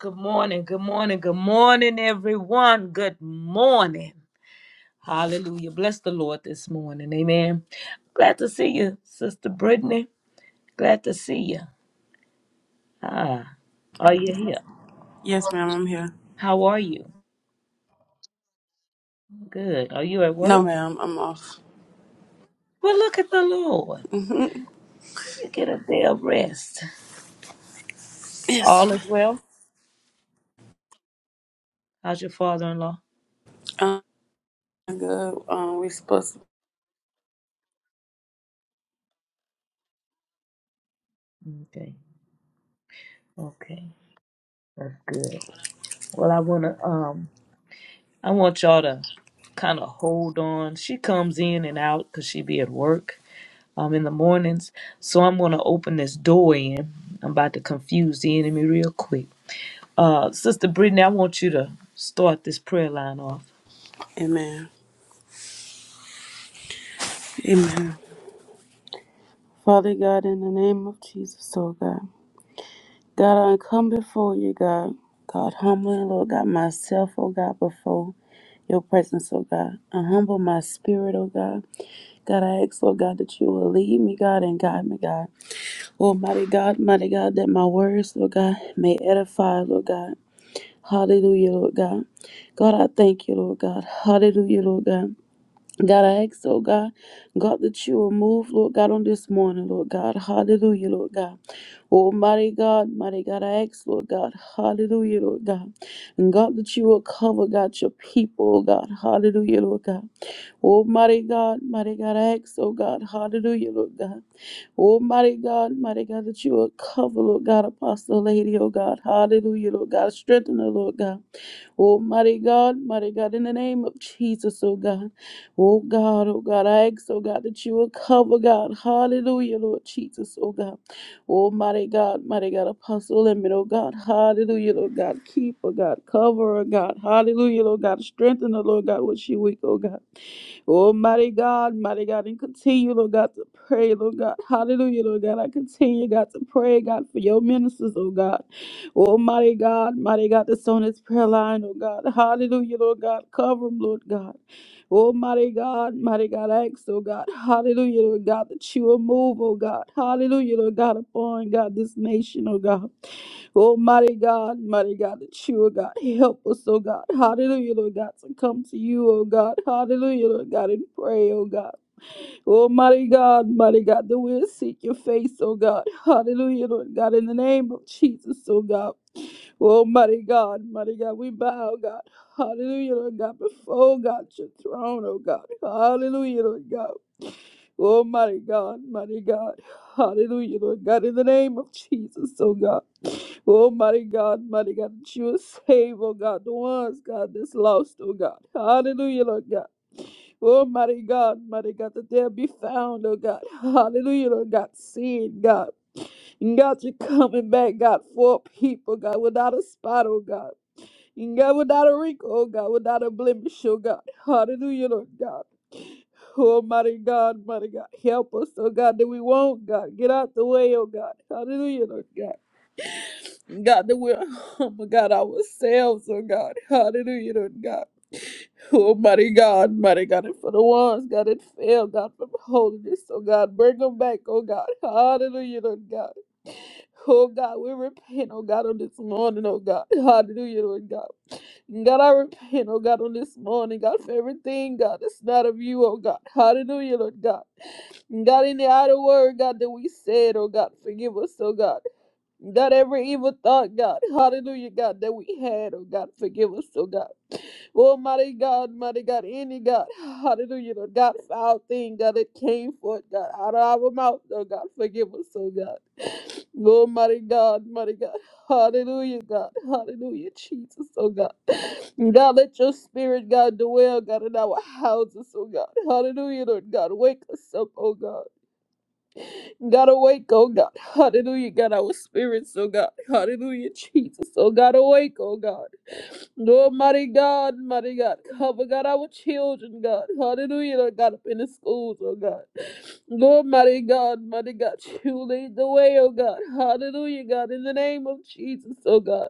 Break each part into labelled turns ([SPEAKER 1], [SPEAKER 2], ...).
[SPEAKER 1] Good morning, good morning, good morning, everyone. Good morning. Hallelujah. Bless the Lord this morning. Amen. Glad to see you, Sister Brittany. Glad to see you. Ah, are you here?
[SPEAKER 2] Yes, ma'am, I'm here.
[SPEAKER 1] How are you? Good. Are you at work?
[SPEAKER 2] No, ma'am, I'm off.
[SPEAKER 1] Well, look at the Lord. You get a day of rest.
[SPEAKER 2] Yes.
[SPEAKER 1] All is well. How's your father-in-law?
[SPEAKER 2] Um, good. Um, we supposed
[SPEAKER 1] Okay. Okay. That's good. Well, I want to um I want y'all to kind of hold on. She comes in and out because she be at work um, in the mornings. So I'm going to open this door in. I'm about to confuse the enemy real quick. Uh, Sister Brittany, I want you to start this prayer line off.
[SPEAKER 2] to. Amen. Amen. Father God, in the name of Jesus, oh God. God, I come before you, God. God, humbling, Lord God, myself, oh God, before your presence, oh God. I humble my spirit, oh God. God, I ask, oh God, that you will lead me, God, and guide me, God. Almighty God, mighty God, that my words, Lord God, may edify, Lord God. Hallelujah, Lord God. God, I thank you, Lord God. Hallelujah, Lord God. God, I ask, oh God, God, that you will move, Lord God, on this morning, Lord God. Hallelujah, Lord God. Oh, mighty God, mighty God, I ask, Lord God. Hallelujah, Lord God. And God, that you will cover, God, your people, oh God. Hallelujah, Lord God. Oh, mighty God, mighty God, I ask, oh God. Hallelujah, Lord God. Oh, mighty God, mighty God, that you will cover, Lord God, Apostle Lady, oh God. Hallelujah, Lord God. Strengthen her, Lord God. Oh, mighty God, mighty God, in the name of Jesus, oh God. Oh, God, oh, God, I ask, oh, God, that you will cover, God. Hallelujah, Lord Jesus, oh, God. Oh, mighty God, mighty God, apostle limit, oh, God. Hallelujah, Lord God. Keep, oh, God. Cover, oh, God. Hallelujah, Lord God. Strengthen the Lord God, what she weak, oh, God. Oh, mighty God, mighty God, and continue, Lord God, to pray, Lord God. Hallelujah, Lord God. I continue, God, to pray, God, for your ministers, oh God. Oh, mighty God, mighty God, that's on this prayer line, oh God. Hallelujah, Lord God. Cover them, Lord God. Oh, mighty God, mighty God, I ask, oh God. Hallelujah, Lord God, that you will move, oh God. Hallelujah, Lord God, upon, God, this nation, oh God. Oh, mighty God, mighty God, that you, oh God, help us, oh God. Hallelujah, Lord God, to come to you, oh God. Hallelujah, Lord God, and pray, oh God. Oh, mighty God, mighty God, that we'll seek your face, oh God. Hallelujah, Lord God, in the name of Jesus, oh God. Oh, mighty God, mighty God, we bow, oh, God. Hallelujah, Lord God, before oh, God, your throne, oh God. Hallelujah, Lord God. Oh, mighty God, mighty God. Hallelujah, Lord God, in the name of Jesus, oh God. Oh, mighty God, mighty God, that you will save, oh God, the ones, God, that's lost, oh God. Hallelujah, Lord God. Oh, mighty God, mighty God, that they'll be found, oh God. Hallelujah, Lord God. Seen, God. And God, you're coming back, God, for a people, God, without a spot, oh God. And God, without a wrinkle, oh God, without a blemish, oh God. Hallelujah, Lord God. Oh, mighty God, mighty God, help us, oh God, that we won't, God. Get out the way, oh God. Hallelujah, Lord God. God, that we're humble, God, ourselves, oh God. Hallelujah, Lord God. Oh, mighty God, mighty God, and for the ones, God, that fail, God, from holiness, oh God, bring them back, oh God. Hallelujah, Lord God. Oh God, we repent, oh God, on this morning, oh God. Hallelujah, Lord God. God, I repent, oh God, on this morning, God, for everything, God, that's not of you, oh God. Hallelujah, Lord God. God, in the outer word, God, that we said, oh God, forgive us, oh God. God, every evil thought, God, hallelujah, God, that we had, oh God, forgive us, oh God. Oh, mighty God, mighty God, any God, hallelujah, Lord God, foul thing, God, that came forth, God, out of our mouth, oh God, forgive us, oh God. Oh, mighty God, mighty God, hallelujah, God, hallelujah, Jesus, oh God. God, let your spirit, God, dwell, God, in our houses, oh God, hallelujah, Lord God, wake us up, oh God. God awake, oh God. Hallelujah, God, our spirits, oh God. Hallelujah, Jesus. Oh God, awake, oh God. Lord, mighty God, mighty God. Cover, God, our children, God. Hallelujah, Lord God, up in the schools, oh God. Lord, mighty God, mighty God. You lead the way, oh God. Hallelujah, God, in the name of Jesus, oh God.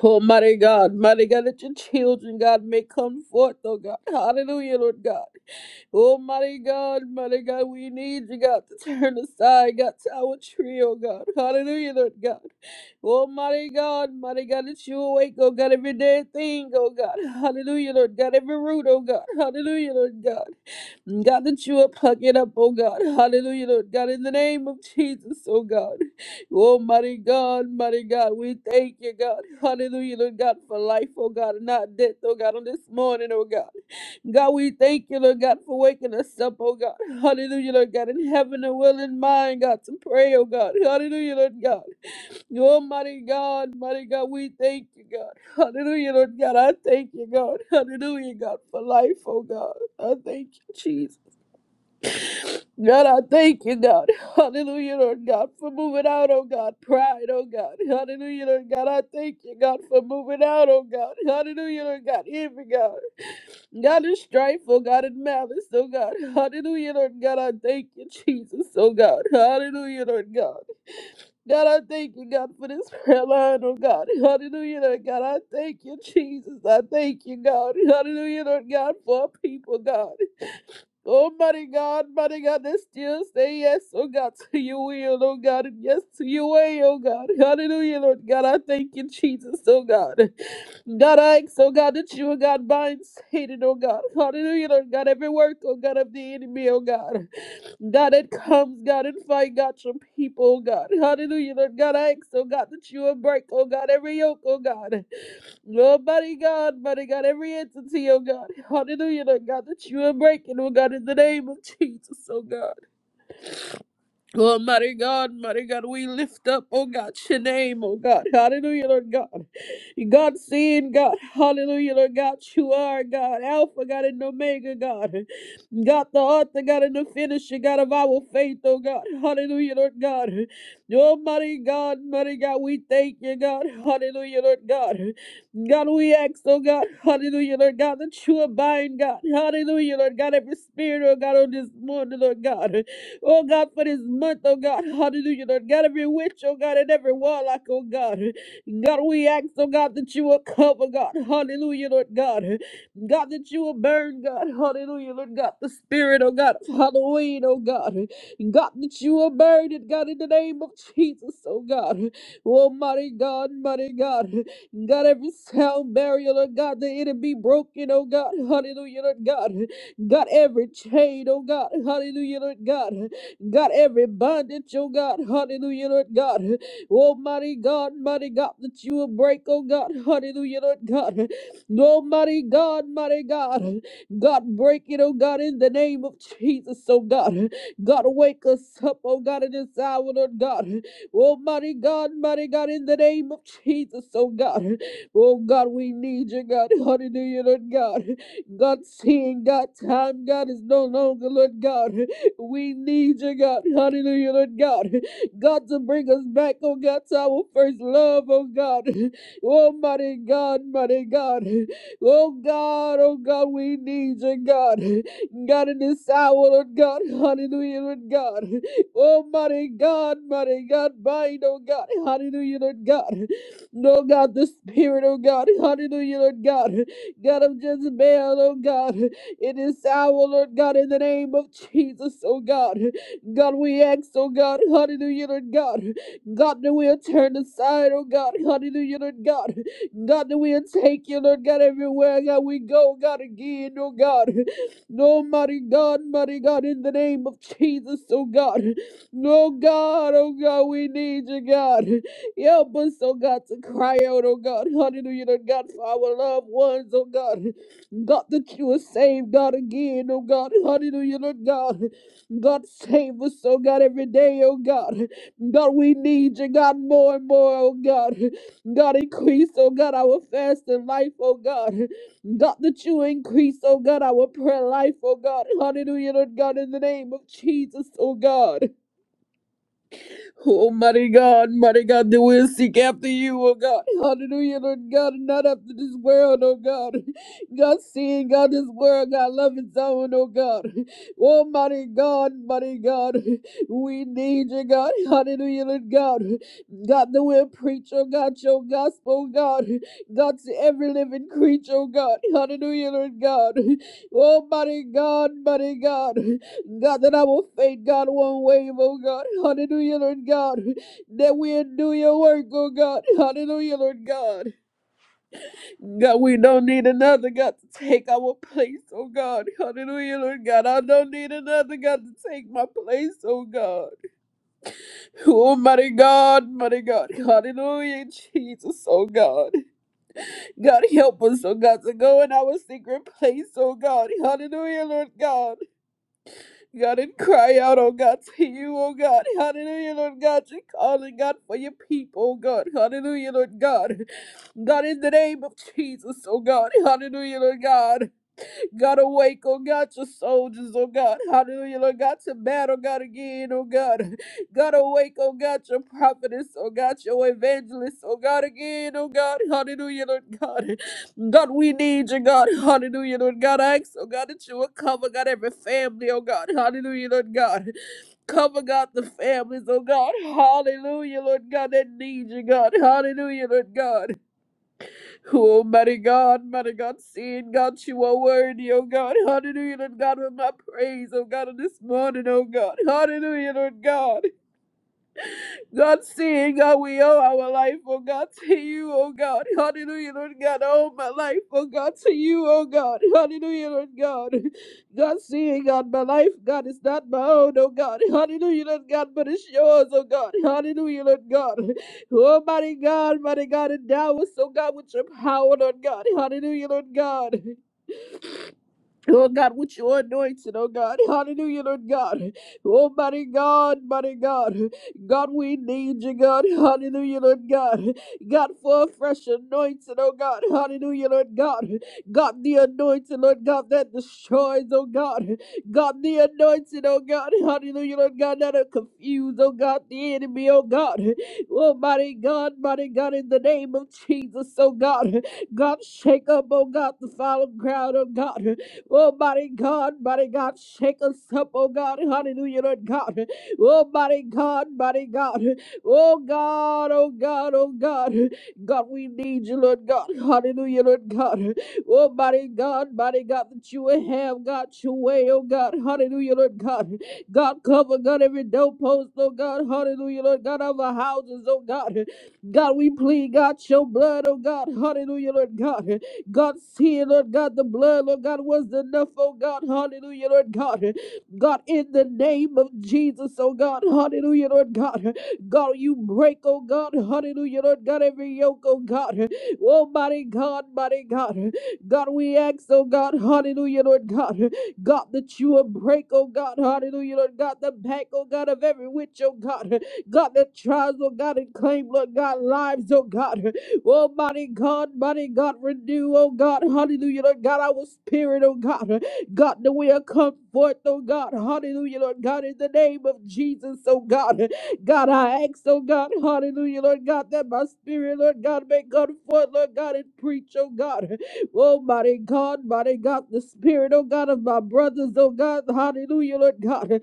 [SPEAKER 2] Oh, mighty God, mighty God, that your children, God, may come forth, oh God. Hallelujah, Lord God. Oh, mighty God, mighty God, we need you, God, to turn aside, God, to our tree, oh God. Hallelujah, Lord God. Oh, mighty God, mighty God, that you awake, oh God, every dead thing, oh God. Hallelujah, Lord God, every root, oh God. Hallelujah, Lord God. God, that you will pluck it up, oh God. Hallelujah, Lord God, in the name of Jesus, oh God. Oh, mighty God, mighty God, we thank you, God. Hallelujah, Lord God, for life, oh God, and not death, oh God, on this morning, oh God. God, we thank you, Lord God, for waking us up, oh God. Hallelujah, Lord God, in heaven and will in mind, God, to pray, oh God. Hallelujah, Lord God. Almighty God, mighty God, we thank you, God. Hallelujah, Lord God. I thank you, God. Hallelujah, God, for life, oh God. I thank you, Jesus. God, I thank you, God. Hallelujah, Lord God, for moving out, oh God. Pride, oh God. Hallelujah, Lord God. I thank you, God, for moving out, oh God. Hallelujah, Lord God. Every God. God is strife, oh God, and malice, oh God. Hallelujah, Lord God. I thank you, Jesus, oh God. Hallelujah, Lord God. God, I thank you, God, for this prayer line, oh God. Hallelujah, Lord God. I thank you, Jesus. I thank you, God. Hallelujah, Lord God, for our people, God. Almighty God, mighty God, that still say yes, oh God, to your will, oh God, and yes to your way, oh God. Hallelujah, Lord God. I thank you, Jesus, oh God. God, I ask, oh God, that you, oh God, binds Satan, oh God. Hallelujah, Lord God, every work, oh God, of the enemy, oh God. God, it comes, God, and fight, God, your people, oh God. Hallelujah, Lord God, I ask, oh God, that you will break, oh God, every yoke, oh God. Oh, mighty God, mighty God, every entity, oh God. Hallelujah, Lord God, that you will break it, oh God, in the name of Jesus, oh God. Oh, mighty God, mighty God, we lift up, oh God, your name, oh God, hallelujah, Lord God. God, seeing God, hallelujah, Lord God, you are God, Alpha, God, and Omega, God. God, the author, God, and the finisher, God of our faith, oh God, hallelujah, Lord God. Oh, mighty God, mighty God, we thank you, God, hallelujah, Lord God. God, we ask, oh God, hallelujah, Lord God, that you abide, God, hallelujah, Lord God, every spirit, oh God, on this morning, Lord God. Oh God, for this month, oh God, hallelujah, Lord God, every witch, oh God, and every warlock, oh God, God, we ask, oh God, that you will cover, God, hallelujah, Lord God, God, that you will burn, God, hallelujah, Lord God, the spirit, oh God, of Halloween, oh God, God, that you will burn it, God, in the name of Jesus, oh God, oh mighty God, mighty God, God, every sound barrier, Lord God, that it be broken, oh God, hallelujah, Lord God, God, every chain, oh God, hallelujah, Lord God. God, every bondage, oh God, hallelujah, Lord God. Almighty God, mighty God, that you will break, oh God, hallelujah, Lord God. Almighty God, mighty God, God, break it, oh God, in the name of Jesus, oh God. God, wake us up, oh God, in this hour, Lord God. Almighty God, mighty God, in the name of Jesus, oh God. Oh God, we need you, God, hallelujah, Lord God. God, seeing, God, time, God, is no longer, Lord God. We need you, God. Hallelujah, Lord God. God, to bring us back, oh God, to our first love, oh God. Oh, mighty God, mighty God. Oh God, oh God, we need you, God. God, in this hour, Lord God. Hallelujah, Lord God. Oh, mighty God, mighty God. Bind, oh God. Hallelujah, Lord God. No, God, the Spirit, oh God. Hallelujah, Lord God. God of Jezebel, oh God. It is our Lord God in the name of Jesus, oh God. God, we ask, oh God, hallelujah, Lord God. God, that we'll turn aside, oh God, hallelujah, Lord God. God, that we'll take you, Lord God, everywhere, God, we go, God, again, oh God. No, mighty God, mighty God, in the name of Jesus, oh God. No, God, oh God, we need you, God. Help us, oh God, to cry out, oh God, hallelujah, Lord God, for our loved ones, oh God. God, that you will save, God, again, oh God, hallelujah, Lord God. God, save us, oh God, every day, oh God. God, we need you, God, more and more, oh God. God, increase, oh God, our fast and life, oh God. God, that you increase, oh God, our prayer life, oh God. Hallelujah, Lord God, in the name of Jesus, oh God. Oh, mighty God, mighty God, that we'll seek after you, oh God. Hallelujah, Lord God, and not after this world, oh God. God, seeing God, this world, God, love its own, oh God. Oh, mighty God, mighty God, we need you, God. Hallelujah, Lord God. God, that we'll preach, oh God, your gospel, oh God. God, to every living creature, oh God. Hallelujah, Lord God. Oh, mighty God, mighty God. God, that I will faint, God, one wave, oh God. Hallelujah, Lord God. That we'll do your work, oh God. Hallelujah, Lord God. God, we don't need another God to take our place, oh God. Hallelujah, Lord God. I don't need another God to take my place, oh God. Oh, mighty God, mighty God. Hallelujah, Jesus, oh God. God, help us, oh God, to go in our secret place, oh God. Hallelujah, Lord God. God, and cry out, oh God, to you, oh God. Hallelujah, Lord God. You're calling, God, for your people, oh God. Hallelujah, Lord God. God, in the name of Jesus, oh God. Hallelujah, Lord God. God, awake, oh God, your soldiers, oh God. Hallelujah, Lord God, to battle, God, again, oh God. God, awake, oh God, your prophetess, oh God, your evangelist, oh God, again, oh God. Hallelujah, Lord God. God, we need you, God. Hallelujah, Lord God. I ask, oh God, that you will cover, God, every family, oh God. Hallelujah, Lord God. Cover, God, the families, oh God. Hallelujah, Lord God, that need you, God. Hallelujah, Lord God. Oh, mighty God, mighty God, seeing God, you are worthy, oh God. Hallelujah, Lord God, with my praise, oh God, on this morning, oh God. Hallelujah, Lord God. God, seeing God, we owe our life, oh God, to you, oh God. Hallelujah, Lord God. I owe my life, oh God, to you, oh God. Hallelujah, Lord God. God, seeing God, my life, God, is not my own, oh God. Hallelujah, Lord God, but it's yours, oh God. Hallelujah, Lord God. Oh, mighty God, mighty God, endow us, oh God, with your power, Lord God. Hallelujah, Lord God. Lord God, with your anointing, oh God. Hallelujah, Lord God. Oh, mighty God, mighty God. God, we need you, God. Hallelujah, Lord God. God, for a fresh anointing, oh God. Hallelujah, Lord God. God, the anointing, Lord God, that destroys, oh God. God, the anointing, oh God. Hallelujah, Lord God, that'll confuse, oh God, the enemy, oh God. Oh, mighty God, mighty God, in the name of Jesus, oh God. God, shake up, oh God, the fallow ground, oh God. Oh, mighty God, mighty God, shake us up, oh God, hallelujah, Lord God. Oh, mighty God, mighty God. Oh God, oh God, oh God. God, we need you, Lord God. Hallelujah, Lord God. Oh, mighty God, mighty God, that you would have got your way, oh God. Hallelujah, Lord God. God, cover, God, every doorpost, oh God. Hallelujah, Lord God, of our houses, oh God. God, we plead, God, your blood, oh God. Hallelujah, Lord God. God, see, Lord God, the blood, Lord God, was enough, oh God, hallelujah, Lord God. God, in the name of Jesus, oh God, hallelujah, Lord God. God, you break, oh God, hallelujah, Lord God, every yoke, oh God. Oh, mighty God, mighty God. God, we ask, oh God, hallelujah, Lord God. God, that you will break, oh God, hallelujah, Lord God, the back, oh God, of every witch, oh God. God, that tries, oh God, and claim, Lord God, lives, oh God. Oh, mighty God, mighty God, renew, oh God, hallelujah, Lord God, our spirit, oh God, God, the way I come forth, oh God, hallelujah, Lord God, in the name of Jesus, oh God, God, I ask, oh God, hallelujah, Lord God, that my spirit, Lord God, may come forth, Lord God, and preach, oh God, oh mighty God, mighty God, the spirit, oh God, of my brothers, oh God, hallelujah, Lord God,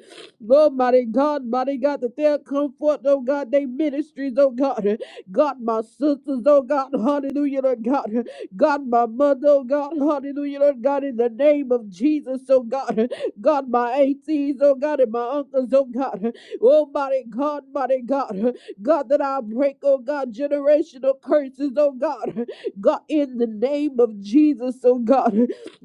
[SPEAKER 2] oh mighty God, mighty God, that they'll come forth, oh God, they ministries, oh God, God, my sisters, oh God, hallelujah, Lord God. God, my mother, oh God, hallelujah, Lord God, in the name of Jesus, oh God. God, my aunties, oh God, and my uncles, oh God. Oh, mighty God, mighty God. God, that I break, oh God, generational curses, oh God. God, in the name of Jesus, oh God.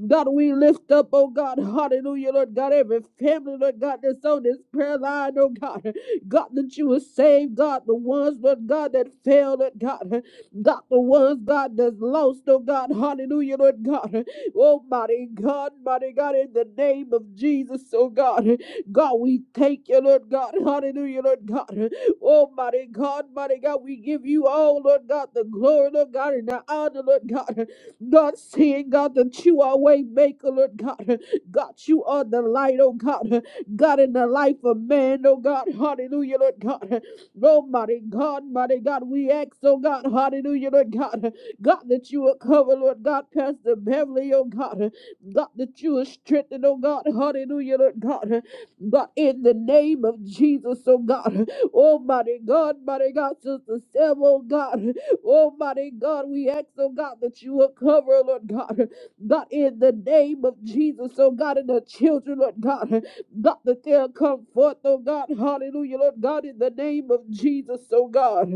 [SPEAKER 2] God, we lift up, oh God, hallelujah, Lord God, every family, Lord God, that's on this prayer line, oh God. God, that you will save, God, the ones, but God, that failed, Lord God, God, the ones, God, that's lost, oh God, hallelujah, Lord God, oh mighty God, mighty God, in the name of Jesus, oh God, God, we thank you, Lord God, hallelujah, Lord God, oh mighty God, mighty God, we give you all, Lord God, the glory, Lord God, and the honor, Lord God, God, seeing, God, that you are way maker, Lord God, God, you are the light, oh God. God, in the life of man, oh God, hallelujah, Lord God. Oh, mighty God, mighty God, we ask, oh God, hallelujah, Lord God. God, that you will cover, Lord God, Pastor Beverly, oh God. God, that you will strengthen, oh God, hallelujah, Lord God. God, in the name of Jesus, oh God. Oh, mighty God, mighty God, Sister Sam, oh God. Oh, mighty God, we ask, oh God, that you will cover, Lord God. God, in the name of Jesus, oh God, and the children, Lord God. God, that they'll come forth, oh God, hallelujah, Lord God, in the name of Jesus, oh God.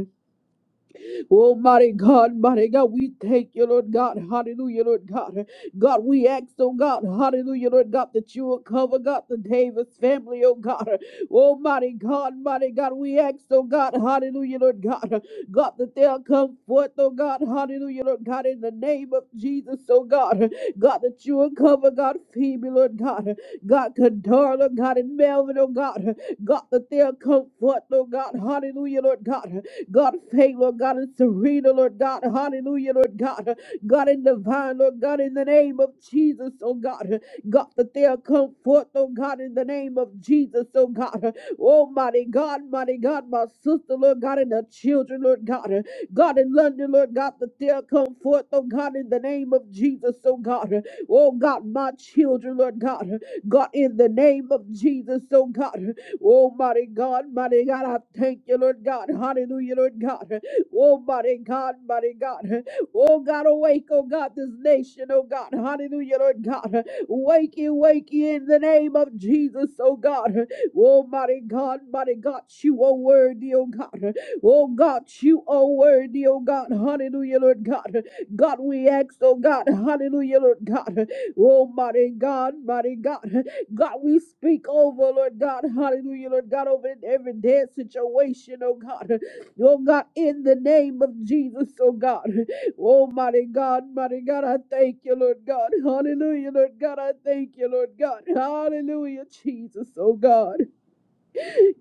[SPEAKER 2] Oh, mighty God, mighty God, we thank you, Lord God. Hallelujah, Lord God. God, we ask, oh God, hallelujah, Lord God, that you will cover, God, the Davis family, oh God. Oh, mighty God, mighty God, we ask, oh God, hallelujah, Lord God. God, that they'll come forth, oh God, hallelujah, Lord God, in the name of Jesus, oh God. God, that you will cover, God, Phoebe, Lord God. God, Condola, God, and Melvin, oh God. God, that they'll come forth, oh God, hallelujah, Lord God. God, faith, Lord God, and Serena, Lord God, hallelujah, Lord God, God in divine, Lord God, in the name of Jesus, oh God, God, that they'll come forth, oh God, in the name of Jesus, oh God, oh mighty God, mighty God, my sister, Lord God, and the children, Lord God, God in London, Lord God, that they'll come forth, oh God, in the name of Jesus, oh God, oh God, my children, Lord God, God in the name of Jesus, oh God. Oh, mighty God, mighty God, I thank you, Lord God. Hallelujah, Lord God. Oh, mighty God, mighty God. Oh, God, awake, oh God, this nation, oh God. Hallelujah, Lord God. Wake you, wake you in the name of Jesus, oh God. Oh, mighty God, mighty God, you are worthy, oh God. Oh, God, you are worthy, oh God. Hallelujah, Lord God. God, we ask, oh God. Hallelujah, Lord God. Oh, mighty God, mighty God. God, we speak over, Lord God, hallelujah, Lord God, over every dead situation, oh God, oh God, in the name of Jesus, oh God, oh mighty God, mighty God, I thank you, Lord God, hallelujah, Lord God, I thank you, Lord God, hallelujah, Jesus, oh God,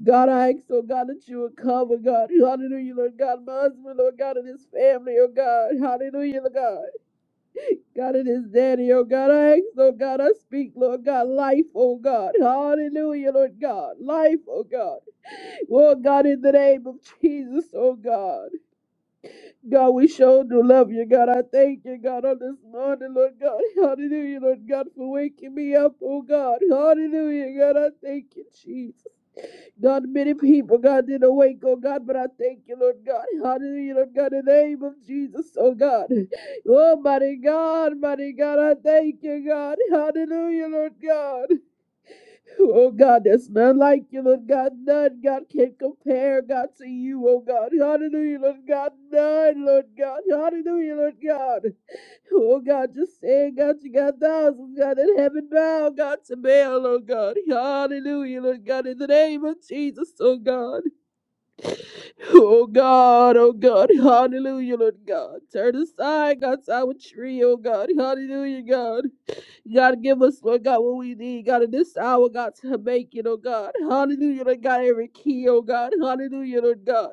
[SPEAKER 2] God, I ask, oh God, that you would cover, God, hallelujah, Lord God, my husband, Lord God, and his family, oh God, hallelujah, Lord God. God, it is daddy, oh God. I ask, oh God, I speak, Lord God, life, oh God. Hallelujah, Lord God. Life, oh God. Lord God, in the name of Jesus, oh God. God, we sure do love you, God. I thank you, God, on this morning, Lord God. Hallelujah, Lord God, for waking me up, oh God. Hallelujah, God. I thank you, Jesus. God, many people, God, didn't awake, oh God, but I thank you, Lord God. Hallelujah, Lord God, in the name of Jesus, oh God. Oh, mighty God, mighty God, I thank you, God. Hallelujah, Lord God. Oh God, there's none like you, Lord God. None, God, can compare, God, to you, oh God. Hallelujah, Lord God. None, Lord God. Hallelujah, Lord God. Oh God, just saying, God, you got thousands, God, in heaven bound, God, to bail, oh God. Hallelujah, Lord God, in the name of Jesus, oh God. Oh God, oh God, hallelujah, Lord God. Turn aside, God's our tree, oh God. Hallelujah, God. God, give us, Lord God, what we need, God, in this hour, God, to make it, oh God. Hallelujah, Lord God, every key, oh God. Hallelujah, Lord God.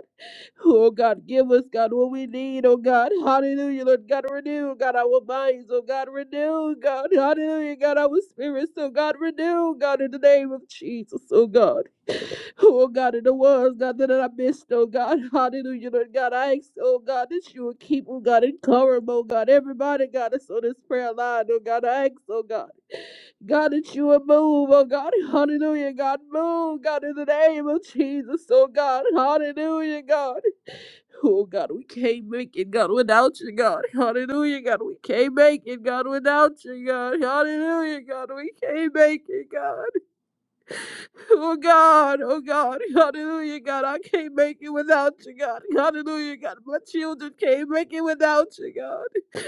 [SPEAKER 2] Oh God, give us, God, what we need, oh God. Hallelujah, Lord God, renew, God, our minds, oh God, renew, God, hallelujah, God, our spirits, oh God, renew, God, in the name of Jesus, oh God. Oh God, in the words, God, that I missed, oh God, hallelujah, Lord God, I ask, oh God, that you would keep, oh God, and cover, 'em, oh God, everybody, God, that's on this prayer line, oh God, I ask, oh God. God, that you would move, oh God, hallelujah, God, move, God, in the name of Jesus, oh God, hallelujah, God. Oh God, we can't make it, God, without you, God. Hallelujah, God. We can't make it, God, without you, God. Hallelujah, God. We can't make it, God. Oh God, oh God. Hallelujah, God. I can't make it without you, God. Hallelujah, God. My children can't make it without you, God.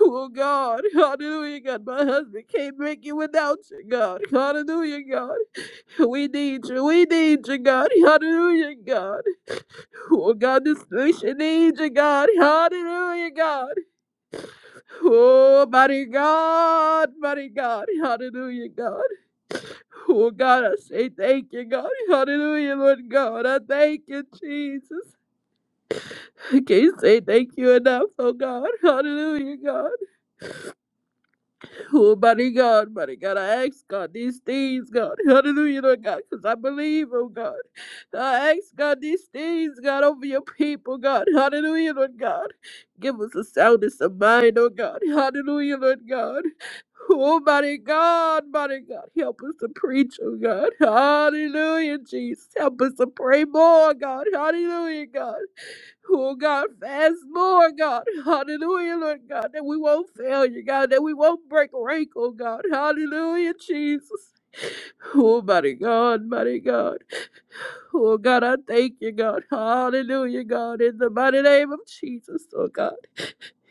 [SPEAKER 2] Oh God, hallelujah, God. My husband can't make it without you, God. Hallelujah, God. We need you. We need you, God. Hallelujah, God. Oh God, this nation needs you, God. Hallelujah, God. Oh, mighty God, mighty God. Hallelujah, God. Oh God, I say thank you, God. Hallelujah, Lord God. I thank you, Jesus. I can't say thank you enough, oh God. Hallelujah, God. Oh, mighty God, mighty God. I ask God these things, God. Hallelujah, Lord God, because I believe, oh God. I ask God these things, God, over your people, God. Hallelujah, Lord God. Give us a soundness of mind, oh God. Hallelujah, Lord God. Oh, mighty God, mighty God, help us to preach, oh God. Hallelujah, Jesus. Help us to pray more, God. Hallelujah, God. Oh, God, fast more, God. Hallelujah, Lord God, that we won't fail you, God, that we won't break rank, oh God. Hallelujah, Jesus. Oh, mighty God, mighty God. Oh God, I thank you, God. Hallelujah, God. In the mighty name of Jesus, oh God.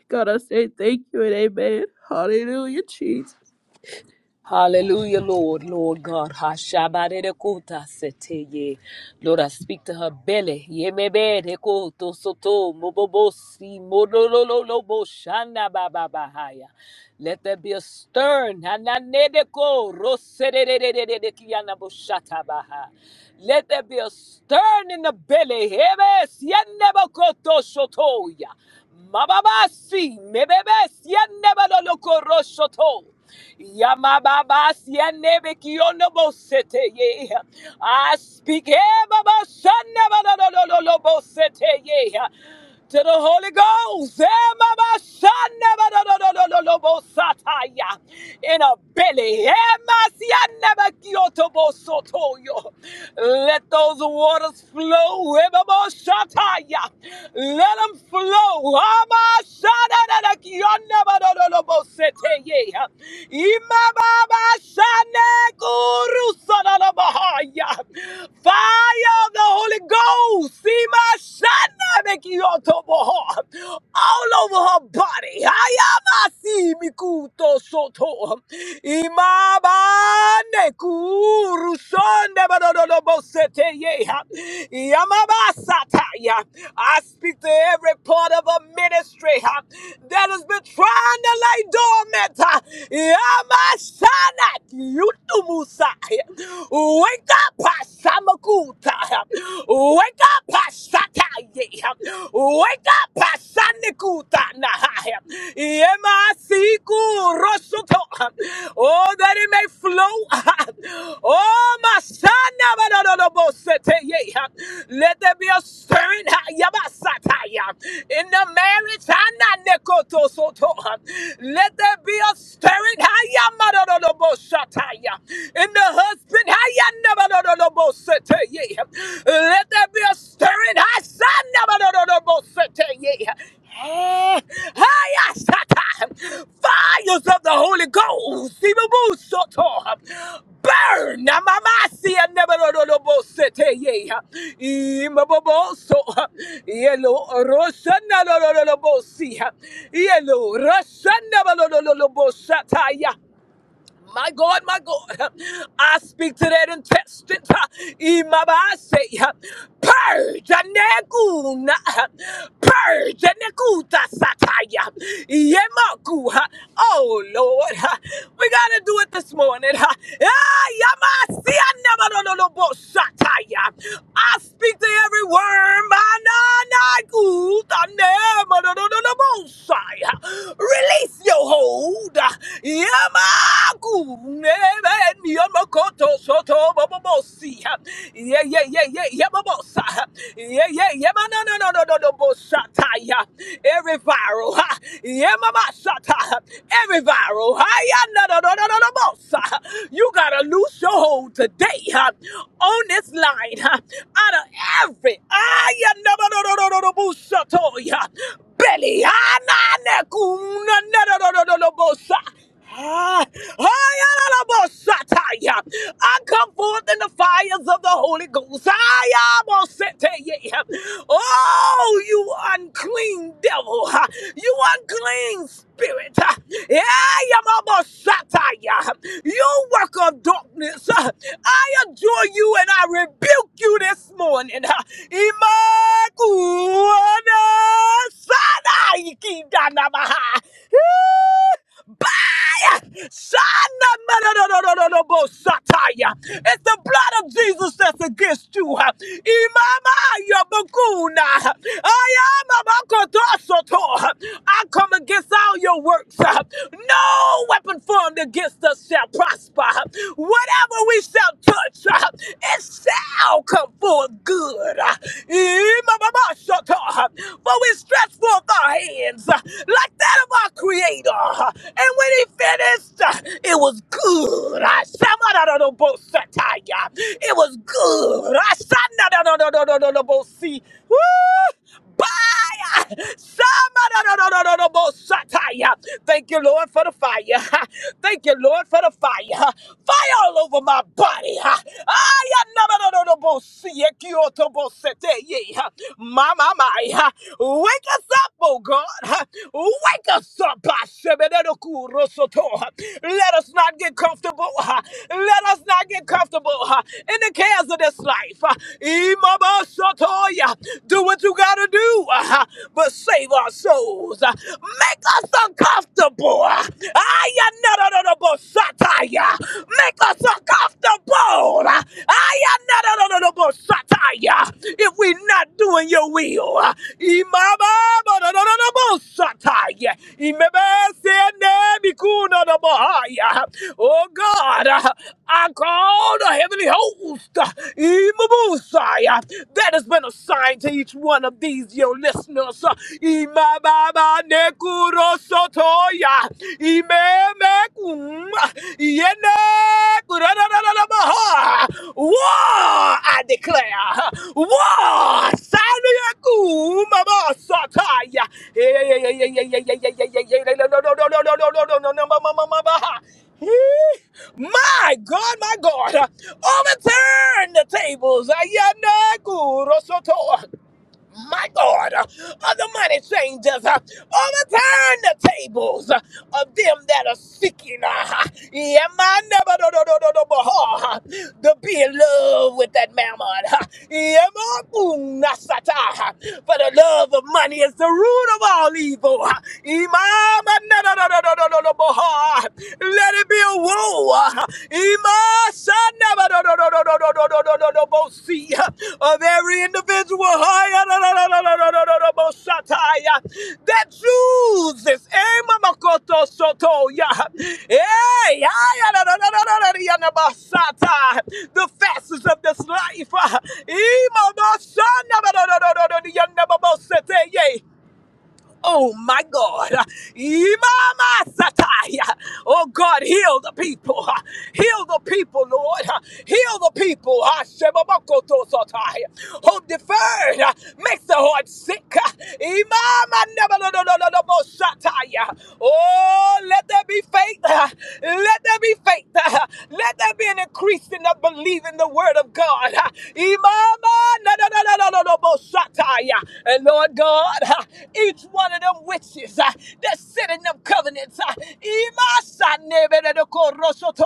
[SPEAKER 2] God, I say thank you and amen. Hallelujah, Jesus.
[SPEAKER 1] Hallelujah, Lord, Lord God. Hashabarekota seteye. Lord, I speak to her belly. Yemeberekoto soto mobobosi modololobo shana bababahaya. Let there be a stern. Hananedeko roserererererekiana boshatabaha. Let there be a stern in the belly. Hebes yenebokoto sotoya. Mababasi, mebebes, yenebadolokorosoto. Yamababas, yenebekionobosete, ye. I speak ebabashanebadololobosete, ye. to the Holy Ghost ebabashanebadololobosataya. in a belly. ebasianebekiotobosotoyo those waters flow. Ebaboshataya. Let them flow. Amashadadadakiyonabadodolobosete. Imababashanekurusodolobahaya. Fire of the Holy Ghost. Imashanabekiyotoboho all over her body. Ayamasi mikuto soto. Imabane kuru sonde badododobo sete yeha. Yamabasata ya. I speak to every part of a ministry ha, that has been trying to lay dormant. ha. Yamashana kiutu musa. Wake up, Samakuta. Wake Wake up, Pasataye. Wake up, Pasanikutana. Yemasiku Rosoto. Oh, that it may flow. Oh, my son. Let there be a stirring Yabasataya. in the marriage. Hananekotosoto. Let there be a stirring Hayamadodobosataya. in the husband. Ayanabalolobosete, yeah. Let there be a stirring. Asanabalolobosete, yeah. Eh, ayasata. Fires of the Holy Ghost. Sibubusoto. Burn. Namamasi, anabalolobosete, yeah. Imaboboso. Yellow Rosana Lololobosia. Yellow Rosana Lololobosataya my God, my God, I speak to that intestine. Imaba, I say, purge, aneguna, purge, anekuta, sataya, yemaku. Oh, Lord, we got to do it this morning. Ah, yama, si, anema, no, no, no, bo, sataya. I speak to every worm, ananakuta, nema, no, no, no, no, bo, saya. Release place your hold. Yamaku amen. Yamakoto, soto bobosi. Yeah, yeah, yeah, yeah, yeah, bobosa. Yeah, yeah, yeah, ma- no, no, no, no, no, no, bosata. yeah. Every viral, ha. Yeah, mama, shata. Every viral, ha. Yeah, no, no, no, no, no, no, bosa. You got to loose your hold today huh, on this line huh, out of every I no no no no no no busha toy huh, belly. ah, na, na, ku, na, na, no no no no no bosa. Ah, ah, ya, na, na, bosa, ta, ya. I come forth in the fires of the Holy Ghost. I am all set to you. Oh. Oh, you unclean devil. ha. You unclean spirit. ha. Yeah, Yamama Sataya. You work of darkness. ha. I adore you and I rebuke you this morning. ha. Imakuana Sanaiki Danamaha. Shanamananorobosataya. It's the blood of Jesus that's against you. Imama yabakuna. Ayamabakotosoto. I come against all your works. No weapon formed against us shall prosper. Whatever we shall touch, it shall come forth good. Imamabashoto. For we stretched forth our hands uh, like that of our Creator. uh, And when He finished, uh, it was good. I Shamadadadobosataya. It was good. I Shandadadadadadadabosi. Woo! Bye! Ah, Shamadadadadadadabosataya. Thank you, Lord, for the fire. Thank you, Lord, for the fire. Fire all over my body. I Yeki otobo sete ye. Mama my. Wake us up, oh God. Wake us up. Shebededo kuro soto. Let us not get comfortable. ah. Let us not get comfortable ah, in the cares of this life. ah. Imama sotoya. Do what you gotta do, ah, but save our souls. ah. Make us uncomfortable. Aya, no, no, no, no, Make us uncomfortable. Aya, na, na, na, na, na, If we're not doing your will. Imama, ba, na, na, na, na, go, sataya. Imebe, se, ne, bi, ku, Oh God, I call the heavenly host, Imabusai, that has been assigned to each one of these your listeners. Kuro Sotoya, Imemekum, Yene Kurarararabaha. War, I declare. War, Sanyakum, Mama Sotaya. Yeah, yeah, yeah, yeah, yeah, yeah, yeah, yeah, yeah, yeah, no, no, no, no, no, no, no, no, no, no, Mama, Mama, Mama. My God, my God, overturn the tables. Ayana Kuro Soto my God, uh, of the money changers, uh, overturn the tables uh, of them that are seeking. uh, yeah, my never do- do- do- do- do- but, uh, to be in love with that mammon. uh, yeah, my boom, nasata, uh, For the love of money is the root of all evil. uh, Imama, na- na- na- na- na- na- na- na- but, uh, Let it be a woe. uh, Ima sana ba no no no no no no no no no no bosi of every individual I no no no no no no no no no batai that chooses ima makoto soto ya hey I no no no no no no no no no bata the fastest of this life ima sana no no no no no no no no no the young babo sotee. Oh my God. Imamasatai. Oh God, heal the people. Heal the people, Lord. Heal the people. Ashemamokotosatai. Hope deferred makes the heart sick. Imama nebalododododobosatai. Oh, let there be faith. Let there be faith. Let there be an increasing of believing the word of God. Imama Shataya. And Lord God, ha, each one of them witches uh, that sit in them covenants, uh, Imasanebedekoroshoto,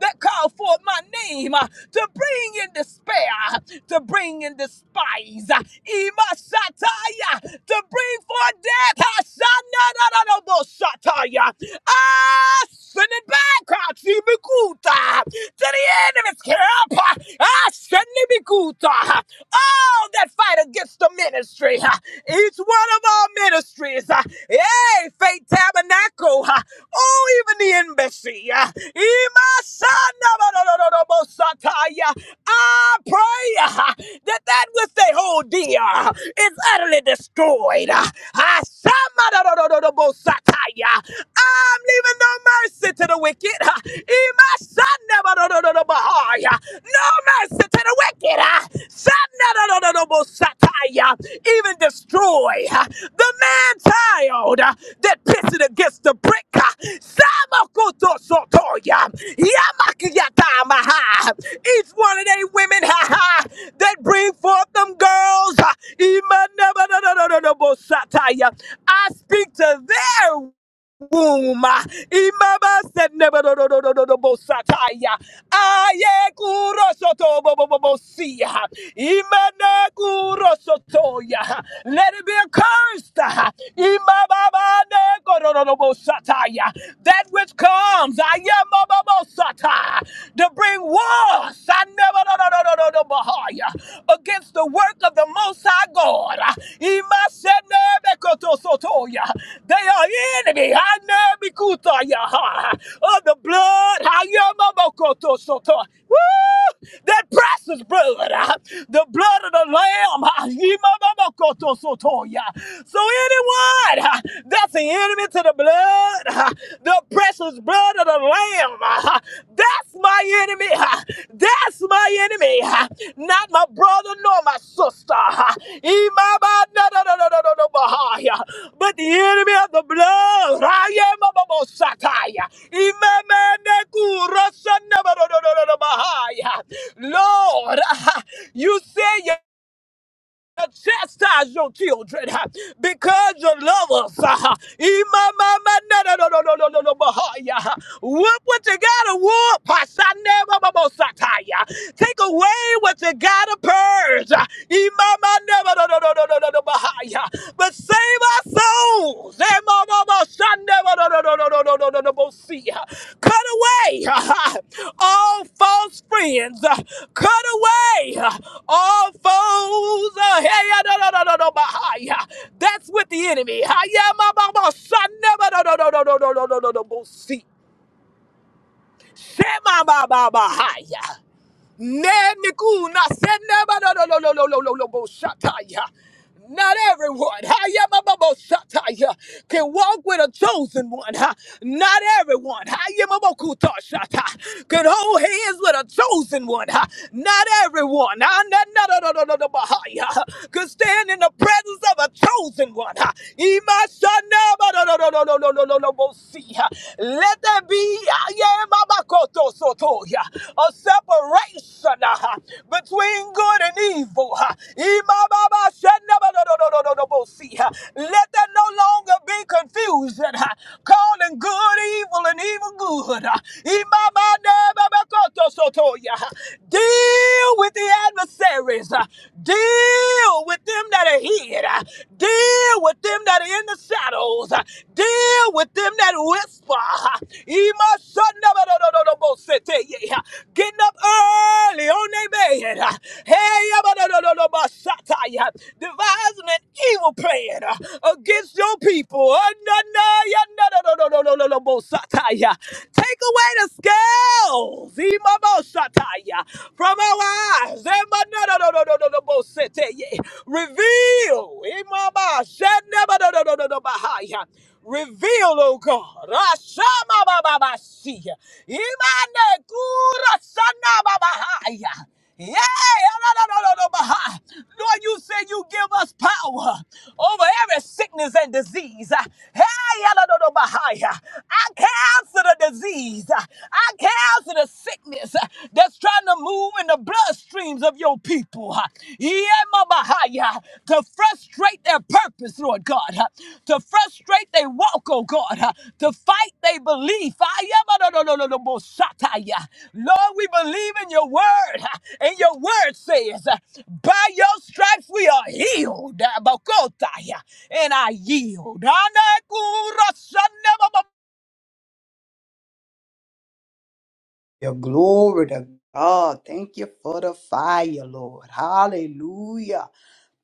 [SPEAKER 1] that call forth my name uh, to bring in despair, uh, to bring in despise, uh, Imasataya, to bring forth death. Hasanadadadobosataya. I send it back uh, to Mikuta, to the end of his camp. Ah, Shenibikuta. All that fight against the ministry, ah, each one of our ministries, ah, yay, Faith Tabernacle, ah, oh, even the embassy, ah, Imasanabadododobosataya. I pray ah, that that which they hold dear ah, is utterly destroyed. ah. Ah, Samadodododobosataya. I'm leaving no mercy to the wicked. Ima sanda ba do do do do No mercy to the wicked. ah. Sanda do do do do sataya. Even destroy ah, the man child ah, that pissed against the brick. ah. Samakuto sotoya. Yamakiyata maha. Each one of they women ha ha that bring forth them girls. ah. Ima na ba do do do do sataya. I speak to their womb. Imaba said, "Never, no, no, no, no, no, no, bosataya. Aye, kuro soto, bo, bo, bo, bo, siya. Imana kuro sotoya. Let it be accursed. Imaba ne koro, no, no, bosataya. That which comes, I am bo bo bo sata, to bring wars. I never, no, no, no, no, no, no, bahaya against the work of the Most High God. Imasenebekotosotoya. They are enemy Hanebikutaya, of the blood Hayamamokotosoto. Woo! that precious blood, uh, the blood of the Lamb. uh, So anyone uh, that's an enemy to the blood, the precious blood of the Lamb. That's my enemy. That's my enemy. Not my brother nor my sister. Imaba- no, no, no, no, no, no, no, bahaya. But the enemy of the blood. Raya mababo sataya. Imama neku rasa naba- no, no, no, no, no, bahaya. Lord, you say to chastise your children huh, because you love us. huh. Imamamanadodododododobohoya, huh. Whoop what you gotta whoop. huh, sanemamamosataya. Take away what you gotta purge. huh. Imamanadodododododobohoya. But save our souls. Cut away all false friends. Cut away all foes. That's with the enemy. Shema Baba Bahaya. Nenekuna senebadolololololoboshataya. Not everyone hayamababoshataya, can walk with a chosen one. huh? Not everyone hayamabokutoshata, can hold hands with a chosen one. huh? Not everyone ah, na- na- na- na- na- na- bahaya, can stand in the presence of a chosen one. huh? Imashanabadododododododobosi, huh? Let be uh, yeah, Mama Koto Soto, yeah, a separation uh, between good and evil. uh, Ima Baba Shanda Ba Do Do Do Do Do Bo Si, uh, Let there no longer be confusion, uh, calling good evil and evil good. uh, Ima Ba Ne Ba Ba Koto Soto, yeah. Deal with the adversaries. uh, Deal with them that are hid. uh, Deal with them that are that are in the shadows. Deal with them that whisper. Emotionabadododobosete. Getting up early on their bed. Hey, abadododobasataya. devising an evil plan uh, against your people. Ananayandadodododobosataya. Take away the scales Imabosataya. from our eyes. Reveal. Imaba, shandabadadadadabahaya. Reveal, oh God. Rashamabababasiya. Imane kura sanababahaya. Yeah, la-la-la-la-la-baha. Lord, you say you give us power over every sickness and disease. Hey, la la la la I cancel the disease. I cancel the sickness is uh, that's trying to move in the bloodstreams of your people uh, Yemabahaya, to frustrate their purpose, Lord God, uh, to frustrate their walk, oh God, uh, to fight their belief. Ayamadodododobosataya. Lord, we believe in your word, uh, and your word says, uh, by your stripes we are healed. Abakotaya. And I yield. Anakurasana-
[SPEAKER 3] Your glory to God. Thank you for the fire, Lord. Hallelujah.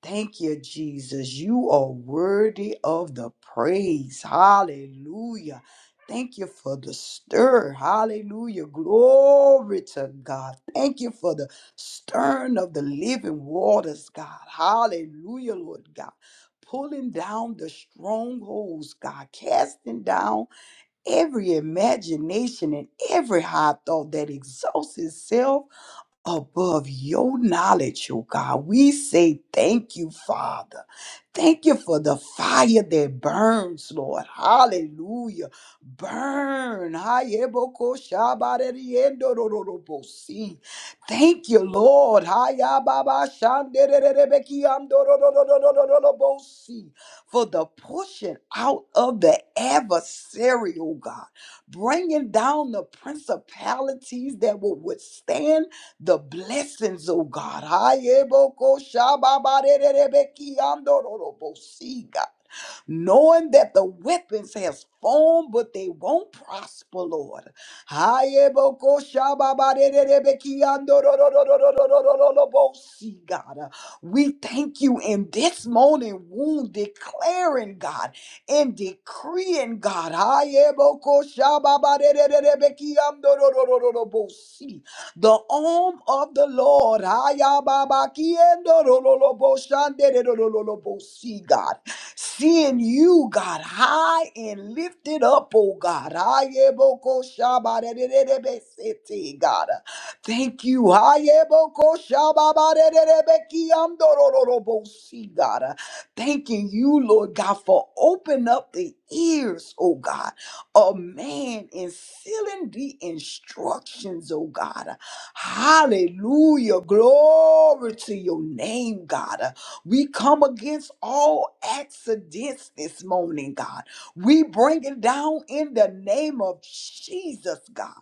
[SPEAKER 3] Thank you, Jesus. You are worthy of the praise. Hallelujah. Thank you for the stir. Hallelujah. Glory to God. Thank you for the stern of the living waters, God. Hallelujah, Lord God. Pulling down the strongholds, God. Casting down every imagination and every high thought that exalts itself above your knowledge, oh God. We say thank you, Father. Thank you for the fire that burns, Lord. Hallelujah. Burn. Hayeboko Thank you, Lord. Hayababa For the pushing out of the adversary, oh God, bringing down the principalities that will withstand the blessings, oh God. Hayeboko shababarererebekiandororobosi, God. Knowing that the weapons has formed, but they won't prosper, Lord. Hayeboko shababarererebekiandororororororororobosi, God. We thank you in this morning, wound, declaring, God, and decreeing, God. Hayeboko shababarererebekiandororororobosi, the arm of the Lord. Ayababakiendorololoboshanderololobo. See, God, seeing you, God, high and lifted up, oh God. Ayebokoshabarererebesete, God. Thank you. Ayebokoshababarererebekiandorololobo. See, God. Thanking you, Lord God, for opening up the ears, oh God, of man and sealing the instructions, oh God. Hallelujah. Glory to your name, God. Uh, We come against all accidents this morning, God. We bring it down in the name of Jesus, God.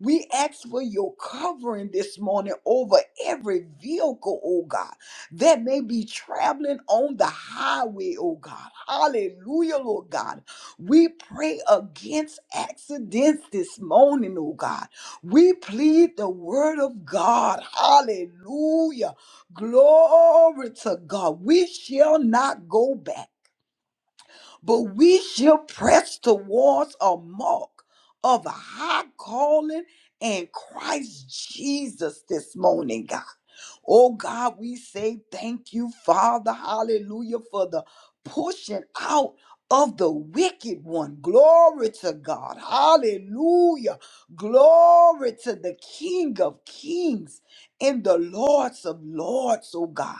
[SPEAKER 3] We ask for your covering this morning over every vehicle, oh God, that may be traveling on the highway, oh God. Hallelujah, Lord God. We pray against accidents this morning, oh God. We plead the word of God. Hallelujah. Glory to God. We shall not go back but we shall press towards a mark of a high calling in Christ Jesus this morning, God. Oh God, we say thank you, Father. Hallelujah for the pushing out of the wicked one. Glory to God. Hallelujah. Glory to the King of Kings and the Lords of Lords, oh God.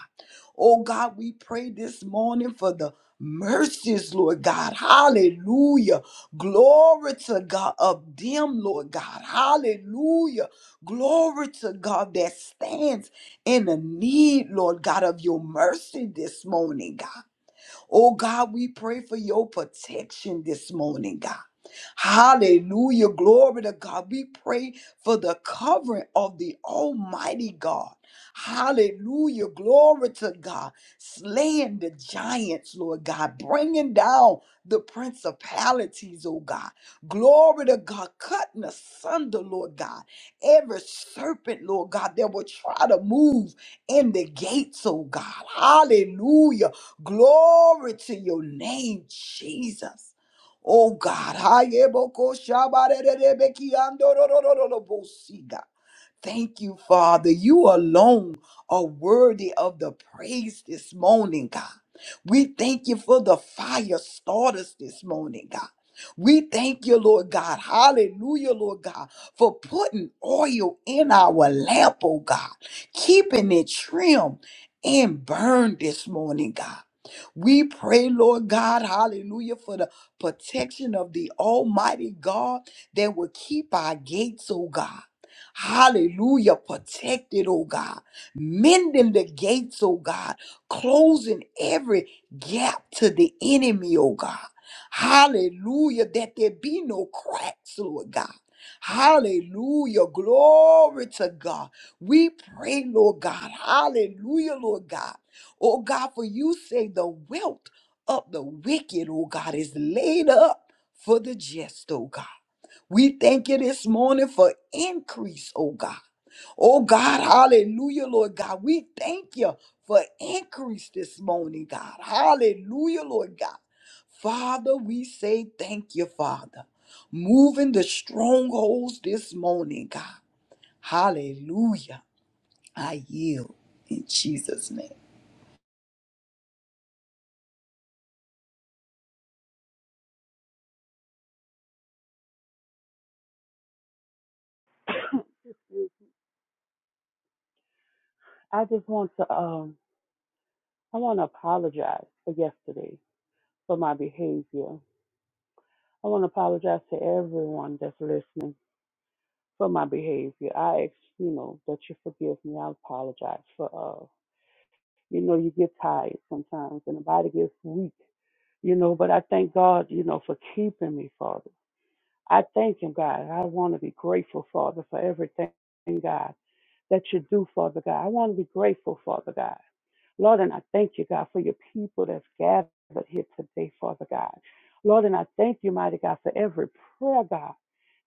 [SPEAKER 3] Oh God, we pray this morning for the mercies, Lord God. Hallelujah. Glory to God of them, Lord God. Hallelujah. Glory to God that stands in the need, Lord God, of your mercy this morning, God. Oh God, we pray for your protection this morning, God. Hallelujah. Glory to God. We pray for the covering of the Almighty God. Hallelujah. Glory to God. Slaying the giants, Lord God. Bringing down the principalities, oh God. Glory to God. Cutting asunder, Lord God. Every serpent, Lord God, that will try to move in the gates, oh God. Hallelujah. Glory to your name, Jesus. Oh God, Hayeboko Shabarerebekiandorororobosi, God. Thank you, Father. You alone are worthy of the praise this morning, God. We thank you for the fire starters this morning, God. We thank you, Lord God. Hallelujah, Lord God, for putting oil in our lamp, oh God, keeping it trim and burned this morning, God. We pray, Lord God, hallelujah, for the protection of the Almighty God that will keep our gates, oh God. Hallelujah. Protect it, oh God. Mending the gates, oh God. Closing every gap to the enemy, oh God. Hallelujah. That there be no cracks, Lord God. Hallelujah. Glory to God. We pray, Lord God. Hallelujah, Lord God. Oh God, for you say the wealth of the wicked, oh God, is laid up for the just, oh God. We thank you this morning for increase, oh God. Oh God, hallelujah, Lord God. We thank you for increase this morning, God. Hallelujah, Lord God. Father, we say thank you, Father. Moving the strongholds this morning, God. Hallelujah. I yield in Jesus' name.
[SPEAKER 4] I just want to um I want to apologize for yesterday for my behavior. I want to apologize to everyone that's listening for my behavior. I ex you know that you forgive me. I apologize for uh you know you get tired sometimes and the body gets weak you know but I thank God you know for keeping me Father. I thank Him God. I want to be grateful Father for everything God that you do Father God. I want to be grateful Father God. Lord, and I thank you, God, for your people that's gathered here today, Father God. Lord, and I thank you, mighty God, for every prayer, God,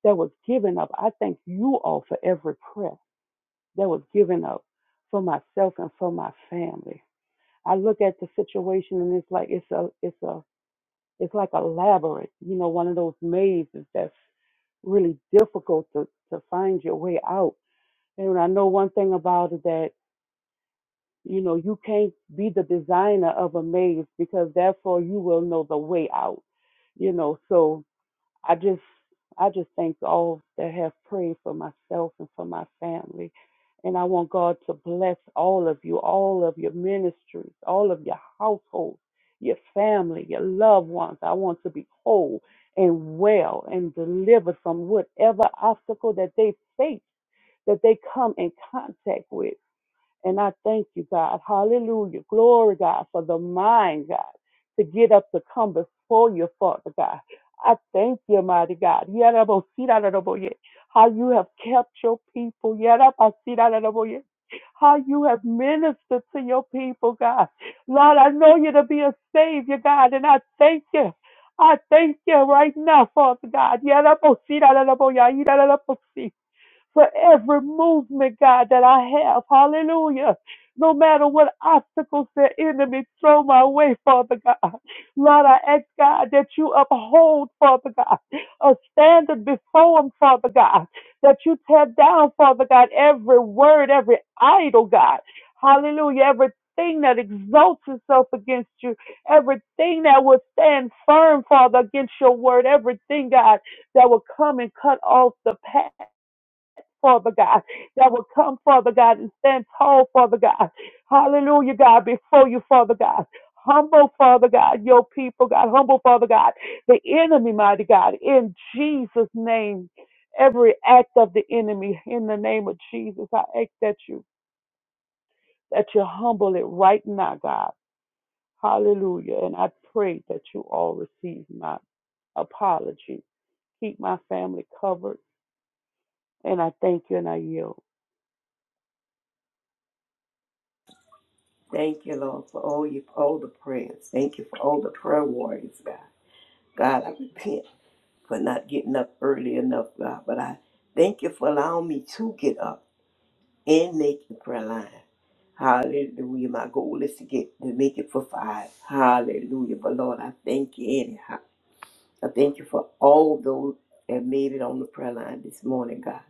[SPEAKER 4] that was given up. I thank you all for every prayer that was given up for myself and for my family. I look at the situation and it's like it's a it's a it's like a labyrinth, you know, one of those mazes that's really difficult to, to find your way out. And I know one thing about it that. You know, you can't be the designer of a maze because therefore you will know the way out. You know, so I just I just thank all that have prayed for myself and for my family. And I want God to bless all of you, all of your ministries, all of your households, your family, your loved ones. I want to be whole and well and delivered from whatever obstacle that they face, that they come in contact with. And I thank you, God. Hallelujah. Glory, God, for the mind, God, to get up to come before you, Father God. I thank you, mighty God. Yarabosirararaboye. How you have kept your people. Yarabasirararaboye. How you have ministered to your people, God. Lord, I know you to be a savior, God, and I thank you. I thank you right now, Father God. Yarabosirararaboye. Yarabosirararaboye for every movement, God, that I have. Hallelujah. No matter what obstacles the enemy throw my way, Father God. Lord, I ask God that you uphold, Father God, a standard before him, Father God, that you tear down, Father God, every word, every idol, God. Hallelujah. Everything that exalts itself against you, everything that will stand firm, Father, against your word, everything, God, that will come and cut off the path. Father God, that will come, Father God, and stand tall, Father God. Hallelujah, God, before you, Father God. Humble, Father God, your people, God. Humble, Father God, the enemy, mighty God, in Jesus' name. Every act of the enemy, in the name of Jesus, I ask that you, that you humble it right now, God. Hallelujah. And I pray that you all receive my apology. Keep my family covered. And I thank you and I yield.
[SPEAKER 5] Thank you, Lord, for all you all the prayers. Thank you for all the prayer warriors, God. God, I repent for not getting up early enough, God, but I thank you for allowing me to get up and make the prayer line. Hallelujah. My goal is to get to make it for five. Hallelujah. But Lord, I thank you anyhow. I thank you for all those that made it on the prayer line this morning, God.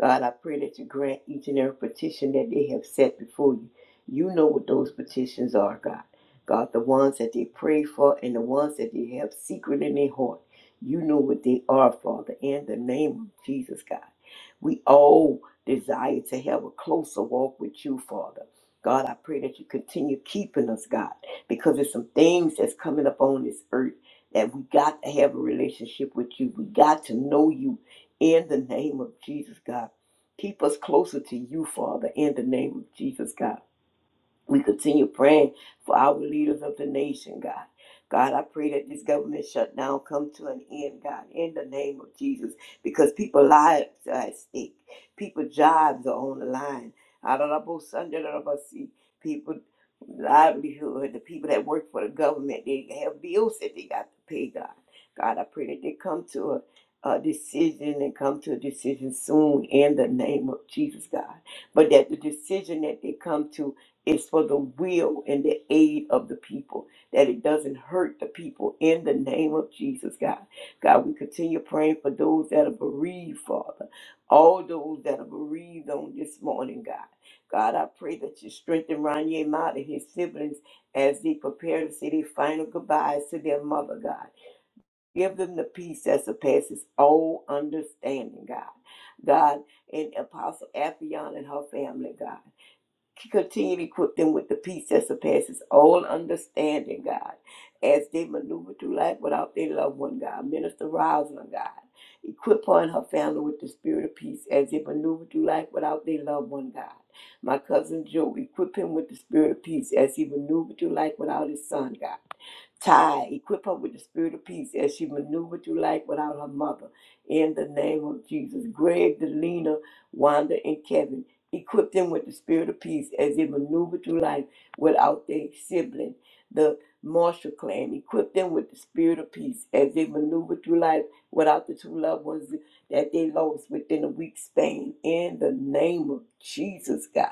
[SPEAKER 5] God, I pray that you grant each and every petition that they have set before you. You know what those petitions are, God. God, the ones that they pray for and the ones that they have secret in their heart. You know what they are, Father, in the name of Jesus, God. We all desire to have a closer walk with you, Father. God, I pray that you continue keeping us, God, because there's some things that's coming up on this earth that we got to have a relationship with you. We got to know you in the name of Jesus, God. Keep us closer to you, Father, in the name of Jesus, God. We continue praying for our leaders of the nation, God. God, I pray that this government shutdown come to an end, God, in the name of Jesus, because people's lives are at stake. people's jobs are on the line. Adarabo sandarabasi. People livelihood, the people that work for the government, they have bills that they got to pay, God. God, I pray that they come to a, a decision and come to a decision soon in the name of Jesus, God. But that the decision that they come to it's for the will and the aid of the people, that it doesn't hurt the people in the name of Jesus, God. God, we continue praying for those that are bereaved, Father. All those that are bereaved on this morning, God. God, I pray that you strengthen Ronnie Mott and his siblings as they prepare to say their final goodbyes to their mother, God. Give them the peace that surpasses all understanding, God. God, and Apostle Afion and her family, God. Continue to equip them with the peace that surpasses all understanding, God, as they maneuver through life without their loved one, God. Minister Rosalind, God. Equip her and her family with the spirit of peace as they maneuver through life without their loved one, God. My cousin Joe, equip him with the spirit of peace as he maneuvered through life without his son, God. Ty, equip her with the spirit of peace as she maneuvered through life without her mother. In the name of Jesus. Greg, Delina, Wanda, and Kevin. Equip them with the spirit of peace as they maneuver through life without their sibling, the Marshall clan. Equip them with the spirit of peace as they maneuver through life without the two loved ones that they lost within a week span. In the name of Jesus, God.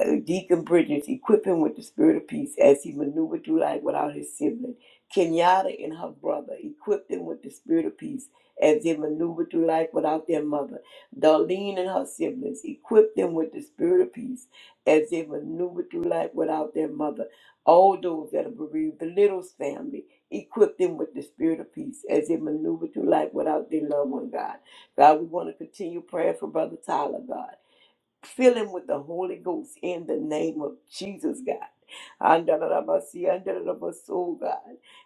[SPEAKER 5] Uh, Deacon Bridges, equip him with the spirit of peace as he maneuvered through life without his sibling. Kenyatta and her brother, equipped them with the spirit of peace as they maneuvered through life without their mother. Darlene and her siblings, equipped them with the spirit of peace as they maneuvered through life without their mother. All those that are bereaved, the Littles family, equip them with the spirit of peace as they maneuver through life without their loved one, God. God, we want to continue praying for Brother Tyler, God. Fill him with the Holy Ghost in the name of Jesus, God. Andalabasi, andalabaso, God.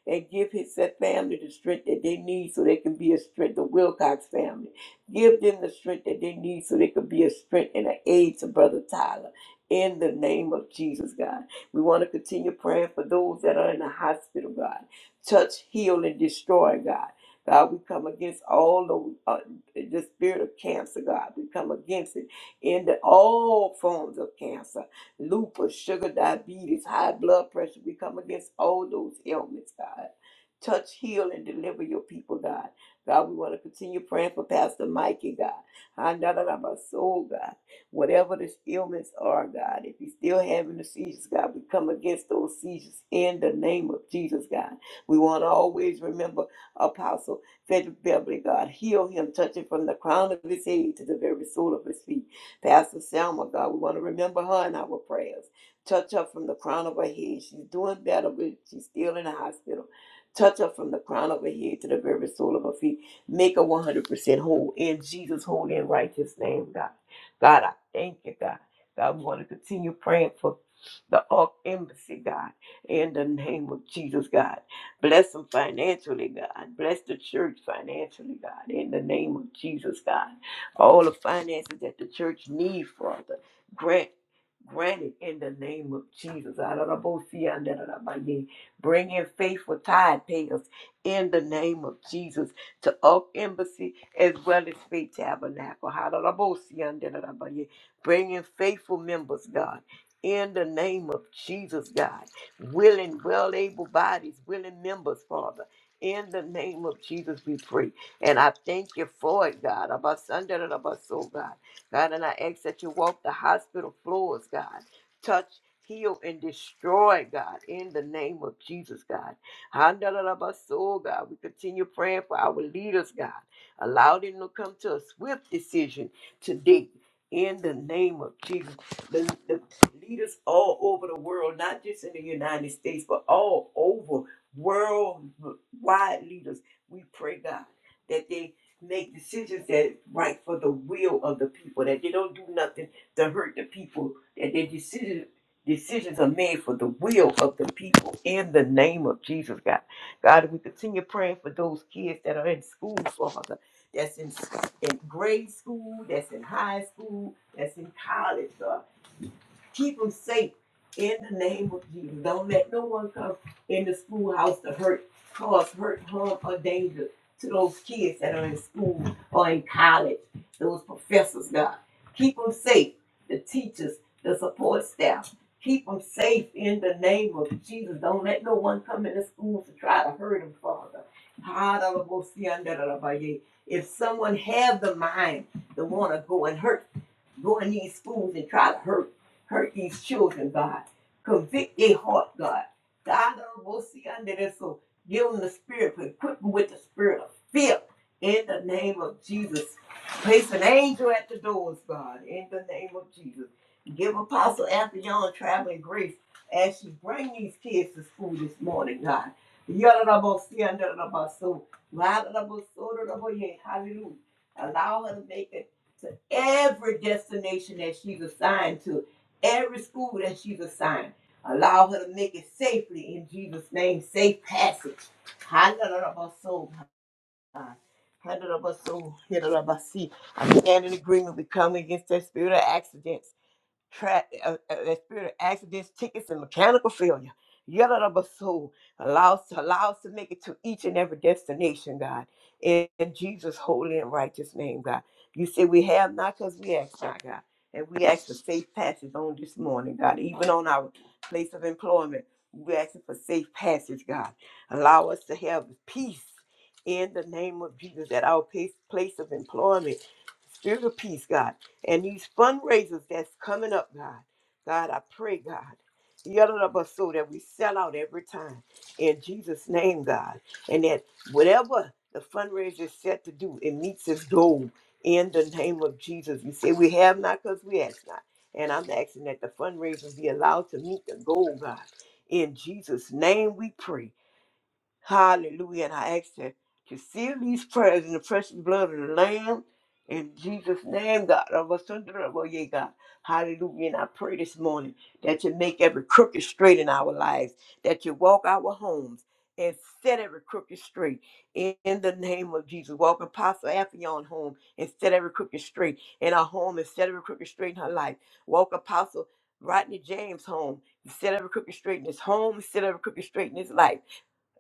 [SPEAKER 5] And give his said family the strength that they need so they can be a strength, the Wilcox family. Give them the strength that they need so they can be a strength and an aid to Brother Tyler. In the name of Jesus, God. We want to continue praying for those that are in the hospital, God. Touch, heal, and destroy, God. God, we come against all the, uh, the spirit of cancer, God. We come against it in the all forms of cancer, lupus, sugar diabetes, high blood pressure. We come against all those ailments, God. Touch, heal, and deliver your people, God. God, we want to continue praying for Pastor Mikey, God. I know that I'm a soul, God. Whatever the ailments are, God, if he's still having the seizures, God, we come against those seizures in the name of Jesus, God. We want to always remember Apostle Frederick Beverly, God. Heal him, touch him from the crown of his head to the very sole of his feet. Pastor Selma, God, we want to remember her in our prayers. Touch her from the crown of her head. She's doing better, but she's still in the hospital. Touch her from the crown of her head to the very sole of her feet. Make her 100% whole in Jesus' holy and righteous name, God. God, I thank you, God. God, we want to continue praying for the Ark Embassy, God, in the name of Jesus, God. Bless them financially, God. Bless the church financially, God, in the name of Jesus, God. All the finances that the church needs, Father, grant granted in the name of Jesus. Adonabosiandadadabaye. Bring in faithful tithe payers in the name of Jesus to Oak Embassy as well as Faith Tabernacle. Adonabosiandadadabaye. Bring in faithful members, God. In the name of Jesus, God, willing, well able bodies, willing members, Father. In the name of Jesus, we pray. And I thank you for it, God. About Sunday, about so, God. God, and I ask that you walk the hospital floors, God. Touch, heal, and destroy, God, in the name of Jesus, God. Handa da da so, God. We continue praying for our leaders, God. Allow them to come to a swift decision today. In the name of Jesus, the, the leaders all over the world, not just in the United States, but all over worldwide leaders, we pray, God that they make decisions that right for the will of the people, that they don't do nothing to hurt the people, that their decision, decisions are made for the will of the people in the name of Jesus, God. God, we continue praying for those kids that are in school, Father, that's in, in grade school, that's in high school, that's in college, God. Keep them safe in the name of Jesus. Don't let no one come in the schoolhouse to hurt, cause hurt, harm, or danger to those kids that are in school or in college, those professors, God. Keep them safe, the teachers, the support staff. Keep them safe in the name of Jesus. Don't let no one come in the school to try to hurt them, Father. If someone have the mind to want to go and hurt, go in these schools and try to hurt hurt these children, God. Convict their heart, God. God, uh, we'll see under this. So give them the spirit, but equip them with the spirit of fear. In the name of Jesus. Place an angel at the doors, God. In the name of Jesus. Give Apostle Afion traveling grace as she bring these kids to school this morning, God. Yadadabosi, andadadabaso, ladadabosododaboye. Hallelujah. Allow her to make it to every destination that she's assigned to every school that she's assigned. Allow her to make it safely in Jesus' name. Safe passage. Hallelujah. Hallelujah. I'm standing in agreement. We come against that spirit of accidents tra- uh, uh, the spirit of accidents, tickets, and mechanical failure. Yellow of soul. Allow us, allow us to make it to each and every destination, God. In, in Jesus' holy and righteous name, God. You say we have not because we ask not, God. And we ask for safe passage on this morning, God. Even on our place of employment, we ask for safe passage, God. Allow us to have peace in the name of Jesus at our place, place of employment. Spirit of peace, God and these fundraisers that's coming up, God. God, I pray, God, yelling up us so that we sell out every time in Jesus' name, God, and that whatever the fundraiser is set to do, it meets its goal in the name of Jesus. You say we have not because we ask not, and I'm asking that the fundraiser be allowed to meet the goal, God. In Jesus' name, we pray. Hallelujah. And I ask you to seal these prayers in the precious blood of the Lamb. In Jesus' name, God. of us under the Lord, yeah, God. Hallelujah. And I pray this morning that you make every crooked straight in our lives, that you walk our homes and set every crooked straight in the name of Jesus. Walk Apostle Affion home and set every crooked straight in our home and set every crooked straight in her life. Walk Apostle Rodney James home and set every crooked straight in his home, set every crooked straight in his life.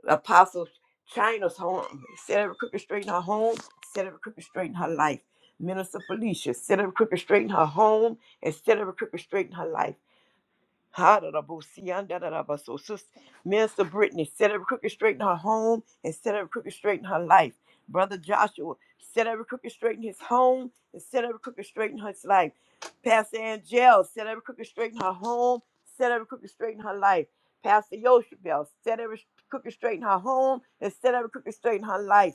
[SPEAKER 5] Apostle China's home. Set every crooked straight in her home. Set every crooked straight in her life. Minister Felicia. Set every crooked straight in her home. And set every crooked straight in her life. Ha-da-da-bo-si-an-da-da-da-ba-so. Sis- Minister Brittany, set every crooked straight in her home and set every crooked straight in her life. Brother Joshua, set every crooked straight in his home and set every crooked straight in his life. Pastor Angel, set every crooked straight in her home, set every crooked straight in her life. Pastor Yoshibel, set every crooked straight in her home and set every crooked straight in her life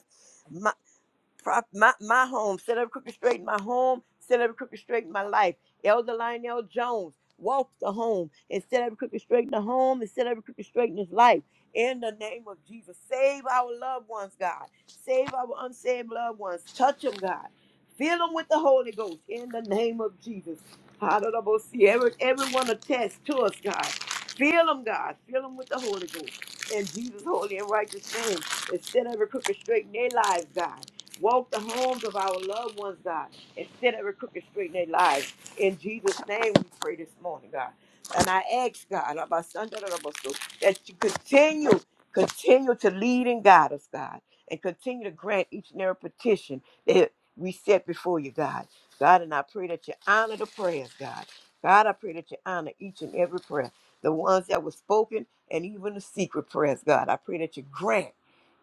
[SPEAKER 5] prop, my, my home, set up crooked straight in my home, set up crooked straight in my life. Elder Lionel Jones walked the home and set up crooked straight in the home and set up crooked straight in his life. In the name of Jesus, save our loved ones, God. Save our unsaved loved ones. Touch them, God. Fill them with the Holy Ghost in the name of Jesus. Hallelujah. See every, everyone attached to us, God. Fill them, God. Fill them with the Holy Ghost. In Jesus' holy and righteous name. And set every crooked straight in their lives, God. Walk the homes of our loved ones, God, and set every crooked straight in their lives. In Jesus' name, we pray this morning, God. And I ask God, about Sunday, that you continue, continue to lead and guide us, God, and continue to grant each and every petition that we set before you, God. God, and I pray that you honor the prayers, God. God, I pray that you honor each and every prayer, the ones that were spoken and even the secret prayers, God. I pray that you grant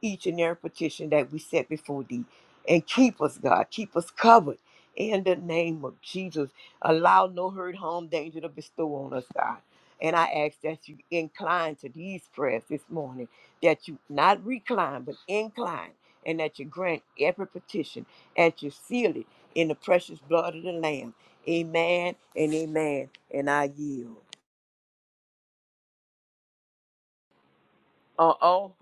[SPEAKER 5] each and every petition that we set before thee and keep us, God. Keep us covered in the name of Jesus. Allow no hurt, harm, danger to bestow on us, God. And I ask that you incline to these prayers this morning, that you not recline, but incline, and that you grant every petition, and you seal it in the precious blood of the Lamb. Amen and amen. And I yield. Uh oh,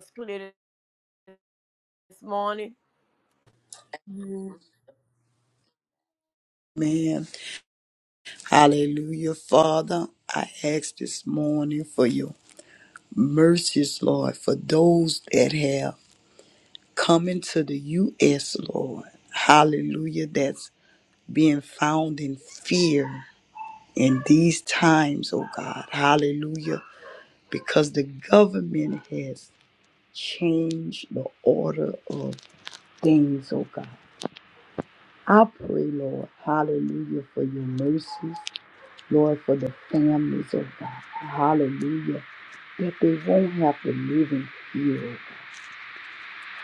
[SPEAKER 5] it's clear this morning?
[SPEAKER 3] Man, hallelujah, Father. I ask this morning for your mercies, Lord, for those that have. coming to the U.S., Lord. Hallelujah. That's being found in fear in these times, oh God. Hallelujah. Because the government has changed the order of things, oh God. I pray, Lord, hallelujah, for your mercies, Lord, for the families, oh God. Hallelujah. That they won't have to live in fear,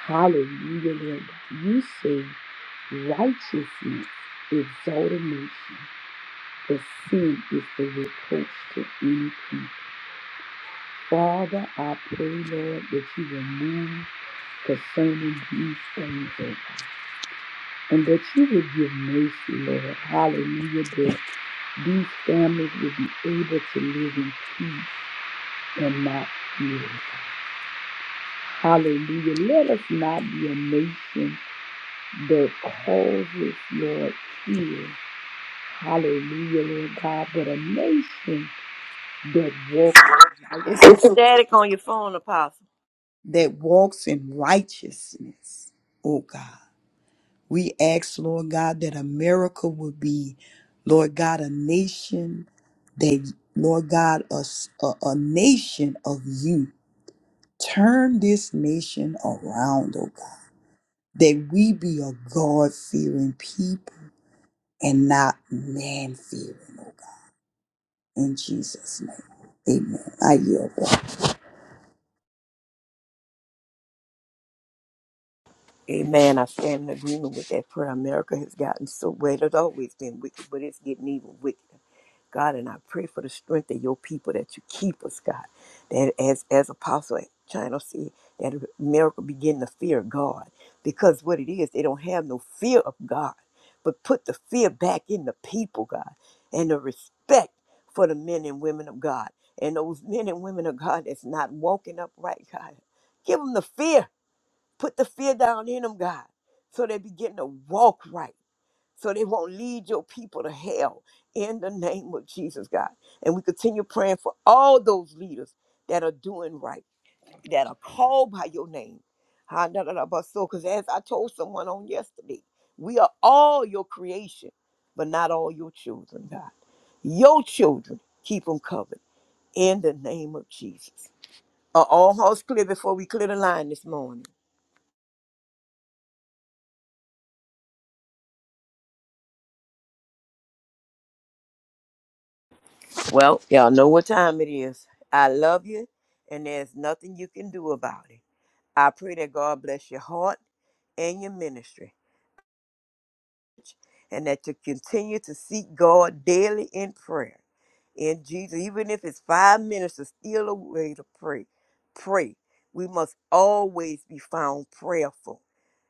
[SPEAKER 3] Hallelujah, Lord. God. You say righteousness exalt a nation, but sin is the reproach to any people. Father, I pray, Lord, that you will move concerning these things, oh God, and that you will give mercy, Lord. Hallelujah, that these families will be able to live in peace and not fear. Hallelujah. Let us not be a nation that causes, Lord, fear Hallelujah, Lord God. But a nation that walks in
[SPEAKER 5] It's some
[SPEAKER 3] right-
[SPEAKER 5] static on your phone, Apostle.
[SPEAKER 3] that walks in righteousness, oh God. We ask, Lord God, that America would be, Lord God, a nation that, Lord God, a, s- a- a nation of you. Turn this nation around, oh God, that we be a God fearing people and not man fearing, oh God. In Jesus' name, amen. I yield.
[SPEAKER 5] Amen. I stand in agreement with that prayer. America has gotten so well, it's always been wicked, but it's getting even wickeder. God, and I pray for the strength of your people that you keep us, God. That as as Apostle China said, that America begin to fear God. Because what it is, they don't have no fear of God. But put the fear back in the people, God, and the respect for the men and women of God. And those men and women of God that's not walking upright, God. Give them the fear Put the fear down in them, God, so they begin to walk right, so they won't lead your people to hell in the name of Jesus, God. And we continue praying for all those leaders that are doing right, that are called by your name. Because as I told someone on yesterday, we are all your creation, but not all your children, God. Your children, keep them covered in the name of Jesus. Are all hearts clear before we clear the line this morning? Well, y'all know what time it is. I love you, and there's nothing you can do about it. I pray that God bless your heart and your ministry, and that you continue to seek God daily in prayer. In Jesus, even if it's five minutes, it's still a way to pray. Pray. We must always be found prayerful.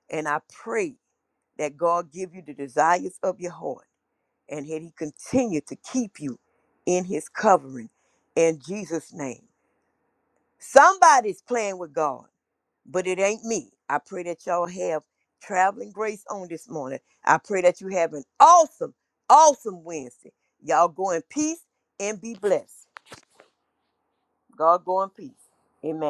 [SPEAKER 5] And I pray that God give you the desires of your heart, and that He continue to keep you in His covering. In Jesus' name. Somebody's playing with God, but it ain't me. I pray that y'all have traveling grace on this morning. I pray that you have an awesome, awesome Wednesday. Y'all go in peace and be blessed. God go in peace. Amen.